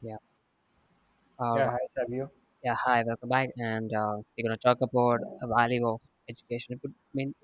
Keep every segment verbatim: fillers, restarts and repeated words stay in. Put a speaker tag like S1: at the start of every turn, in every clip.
S1: Yeah. All
S2: Yeah,
S1: right.
S2: hi Savio.
S1: Yeah. Hi. Welcome back. And uh, we're gonna talk about the value of education. Good- I mean,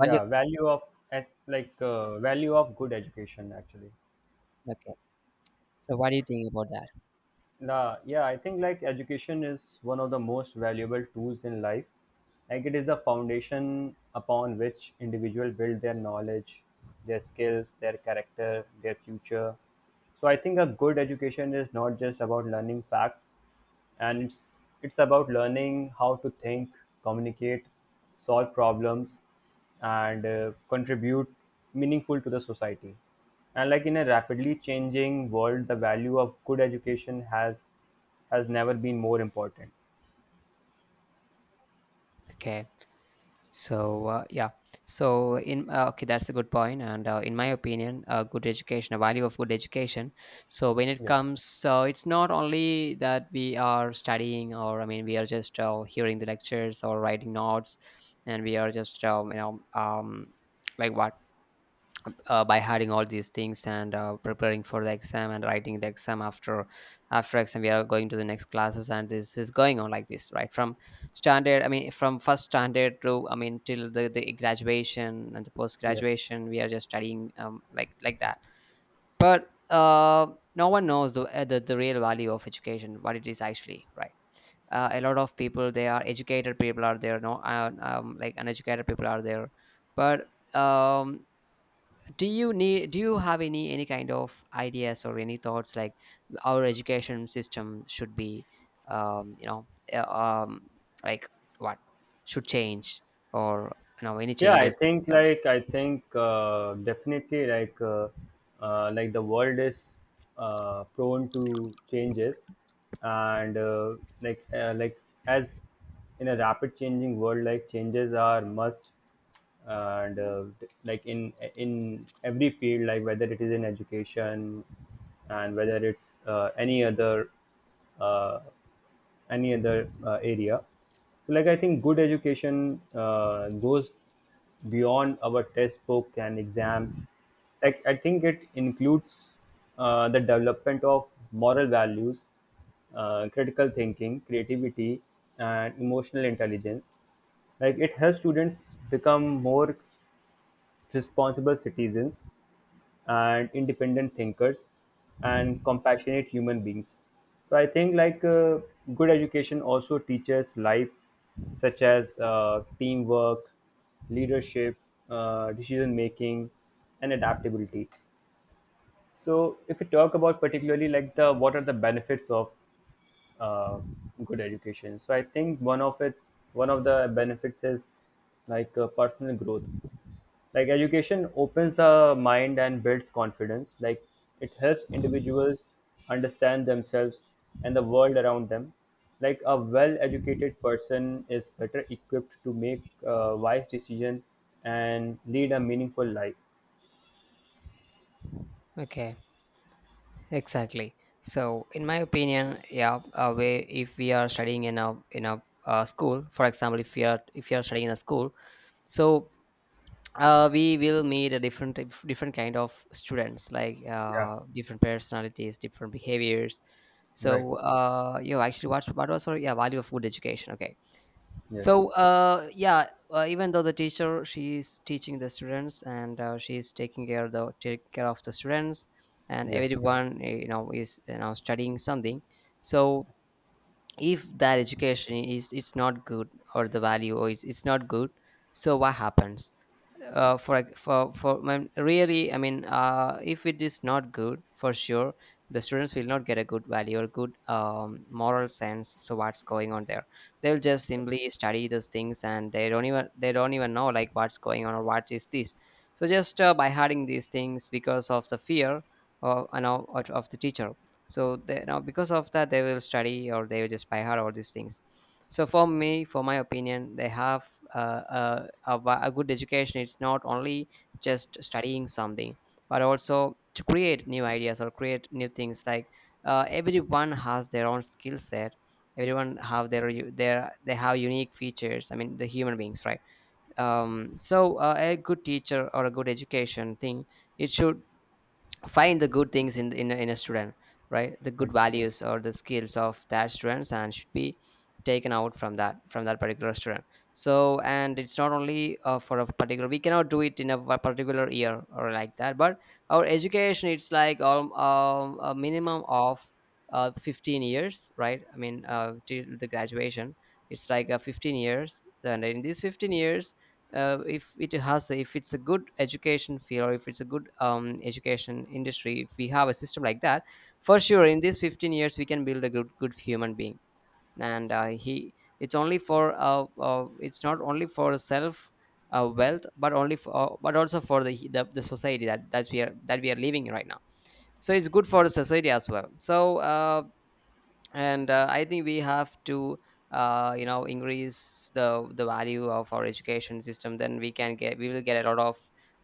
S1: value.
S2: value of as like uh, value of good education actually.
S1: Okay. So, what do you think about that?
S2: La, yeah, I think like education is one of the most valuable tools in life. Like it is the foundation upon which individual build their knowledge, their skills, their character, their future. So I think a good education is not just about learning facts, and it's it's about learning how to think, communicate, solve problems, and uh, contribute meaningful to the society. And like in a rapidly changing world, the value of good education has has never been more important.
S1: Okay. So, uh, yeah. So, in uh, okay, that's a good point. And uh, in my opinion, a good education, a value of good education. So, when it
S2: Yes,
S1: comes, so it's not only that we are studying, or I mean, we are just uh, hearing the lectures or writing notes, and we are just um, you know um like what uh, by having all these things, and uh, preparing for the exam and writing the exam after after exam we are going to the next classes, and this is going on like this right from standard, I mean from first standard to, I mean, till the, the graduation and the post
S2: yes.
S1: graduation, we are just studying, um, like like that. But uh, no one knows the, uh, the the real value of education, what it is actually, right? Uh, a lot of people, they are educated, people are there, no, uh, um, like, uneducated people are there. But, um do you need do you have any any kind of ideas, or any thoughts, like, our education system should be, um you know uh, um like what should change, or you know any
S2: Yeah, I
S1: changes?
S2: think
S1: Yeah.
S2: like I think uh, definitely like uh, uh, like the world is uh, prone to changes and uh, like uh, like as in a rapid changing world, like changes are must. And uh, d- like in in every field, like whether it is in education and whether it's uh, any other uh, any other uh, area. So, like I think good education uh, goes beyond our textbook and exams. Like I think it includes uh, the development of moral values, uh, critical thinking, creativity, and emotional intelligence. Like it helps students become more responsible citizens and independent thinkers and compassionate human beings. So I think like uh, good education also teaches life such as uh, teamwork, leadership, uh, decision making, and adaptability. So if we talk about particularly like the what are the benefits of uh, good education, so I think one of it one of the benefits is like uh, personal growth. Like education opens the mind and builds confidence. Like it helps individuals understand themselves and the world around them. Like a well educated person is better equipped to make uh, wise decision and lead a meaningful life.
S1: Okay, exactly. So, in my opinion, yeah, uh, we, if we are studying in a in a uh, school, for example, if we are, if you are studying in a school, so uh, we will meet a different different kind of students, like,
S2: Yeah,
S1: uh, different personalities, different behaviors.
S2: right.
S1: So, uh, you actually watched what was her? Yeah, value of food education. Okay.
S2: Yes,
S1: So, uh, yeah, uh, even though the teacher, she's teaching the students, and uh, she's taking care of the take care of the students, and
S2: yes.
S1: everyone, eh, you know is, you know studying something. So, if that education is it's not good, or the value, or it's, it's not good, so what happens? Uh, for ex- for for When, really, I mean, uh, if it is not good, for sure the students will not get a good value or good, um, moral sense, so what's going on there? They'll just simply study those things, and they don't even they don't even know, like, what's going on, or what is this. So just, uh, by hiding these things, because of the fear of, you know, of of the teacher, so they, now because of that, they will study, or they will just by heart all these things. So, for me for my opinion, they have, uh, a, a, va- a good education. It's not only just studying something, but also to create new ideas, or create new things, like, uh, everyone has their own skill set. Everyone have their u- their they have unique features, I mean, the human beings, right? Um, so, uh, a good teacher or a good education thing, it should find the good things in, in, a- in a student, right? The
S2: I-
S1: good values or the skills of that students, and should be taken out from that from that particular student. So, and it's not only, uh, for a particular, we cannot do it in a wa- particular year, or like that, but our education, it's like, um, um, a minimum of, uh, fifteen years, right? I mean, uh, till the graduation, it's like, uh, fifteen years. And in these fifteen years, uh, if it has if it's a good education field, or if it's a good, um, education industry, if we have a system like that, for sure in these fifteen years we can build a good good human being. And uh, he, it's only for, uh, uh, it's not only for self, uh, wealth, but only for, uh, but also for the, the the society that, that's we are that we are living in right now. So it's good for the society as well. So, uh, and uh, I think we have to, uh, you know increase the the value of our education system, then we can get we will get a lot of,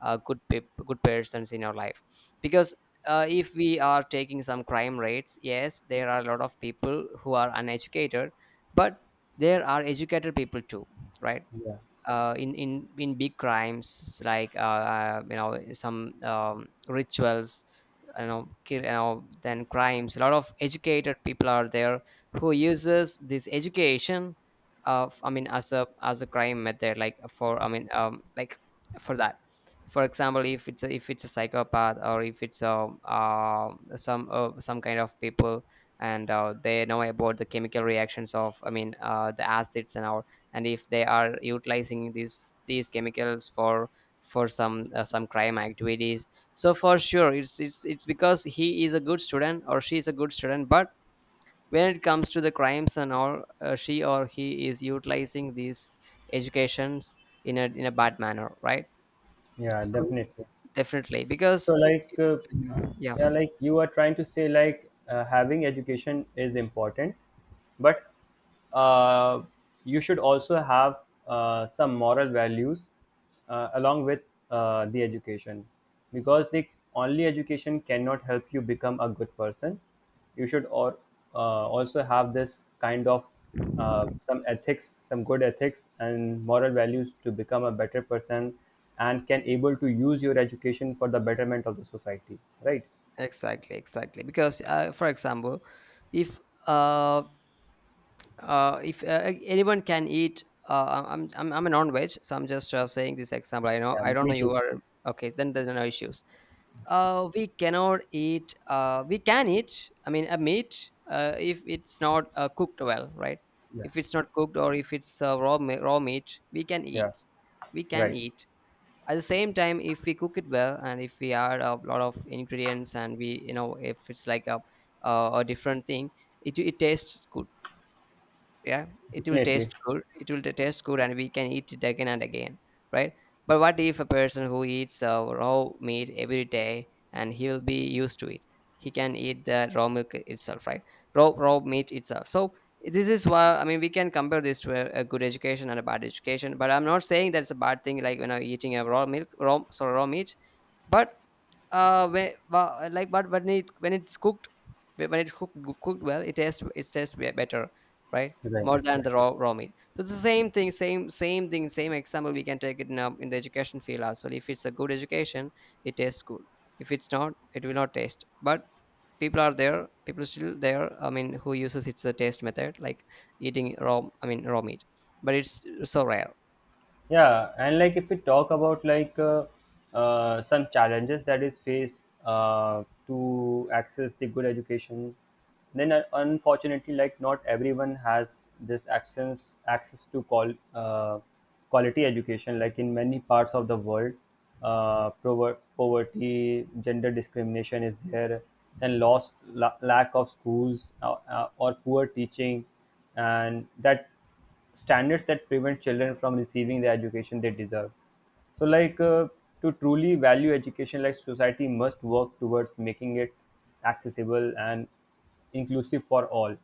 S1: uh, good peop good persons in our life, because, uh, if we are taking some crime rates, yes, there are a lot of people who are uneducated, but there are educated people too, right?
S2: yeah,
S1: Uh, in in in big crimes, like, uh, uh, you know some, um, rituals, you know, ki- you know then, crimes, a lot of educated people are there, who uses this education, of I mean, as a as a crime method, like, for I mean, um like, for that. For example, if it's a if it's a psychopath, or if it's a, uh, some uh, some kind of people, and uh, they know about the chemical reactions, of I mean, uh, the acids and all, and if they are utilizing these these chemicals for, for some, uh, some crime activities. So for sure it's it's it's because he is a good student, or she is a good student, but when it comes to the crimes and all, uh, she or he is utilizing these educations in a, in a bad manner, right?
S2: yeah,
S1: So
S2: definitely.
S1: definitely
S2: So,
S1: because,
S2: like, uh,
S1: mhm, yeah,
S2: yeah, like you are trying to say, like, uh, having education is important, but uh, you should also have uh, some moral values uh, along with uh, the education, because the only education cannot help you become a good person. You should or uh, also have this kind of uh, some ethics, some good ethics and moral values to become a better person and can able to use your education for the betterment of the society, right?
S1: exactly, exactly, because, uh, for example, if, uh uh, if uh, uh, anyone can eat, uh, I'm, I'm i'm a non-veg, so I'm just, uh, saying this example. i know
S2: Yeah,
S1: I don't
S2: me
S1: know you
S2: too.
S1: are. Okay, then there's no issues. Uh, we cannot eat, uh, we can eat, I mean, a meat, uh, if it's not, uh, cooked well, right?
S2: Yeah,
S1: If it's not cooked, or if it's, uh, raw me- raw meat, we can
S2: yeah,
S1: eat We can
S2: right.
S1: eat. At the same time, if we cook it well, and if we add a lot of ingredients, and we, you know if it's like a, uh, a different thing, it, it tastes good. Yeah, it will
S2: Definitely.
S1: taste good it will taste good, and we can eat it again and again, right? But what if a person who eats, uh, raw meat every day, and he will be used to it, he can eat the raw milk itself, right? Raw raw meat itself. So, this is why, I mean, we can compare this to a, a good education and a bad education, but I'm not saying that's a bad thing, like, when I'm eating a raw milk raw sorry raw meat. But, uh whe- wha- like but when it when it's cooked, when it's cooked cooked well, it tastes, it tastes be- better, right?
S2: Right,
S1: More than
S2: right.
S1: the raw raw meat. So it's the same thing, same same thing, same example, we can take it in, um, in the education field as well. If it's a good education, it tastes good. If it's not, it will not taste. But people are there people are still there, I mean, who uses it's the taste method, like, eating raw, I mean, raw meat, but it's so rare.
S2: Yeah, and like if we talk about like uh, uh, some challenges that is faced uh, to access the good education, then uh, unfortunately, like not everyone has this access access to call uh, quality education. Like in many parts of the world, uh, prover- poverty, gender discrimination is there, and loss la- lack of schools, uh, uh, or poor teaching and that standards that prevent children from receiving the education they deserve. So like uh, to truly value education, like society must work towards making it accessible and inclusive for all.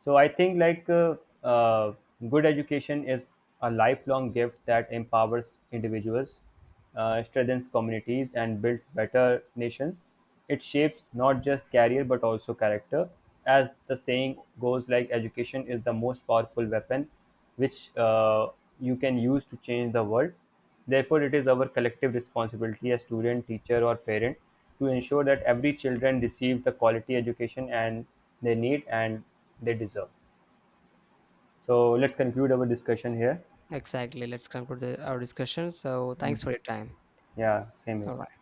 S2: So I think like uh, uh, good education is a lifelong gift that empowers individuals, uh, strengthens communities and builds better nations. It shapes not just career but also character. As the saying goes, like education is the most powerful weapon which uh, you can use to change the world. Therefore, it is our collective responsibility as student, teacher or parent to ensure that every children receive the quality education and they need and they deserve. So let's conclude our discussion here.
S1: Exactly, let's conclude the, our discussion. So thanks for your time.
S2: Yeah, same
S1: All
S2: here.
S1: right.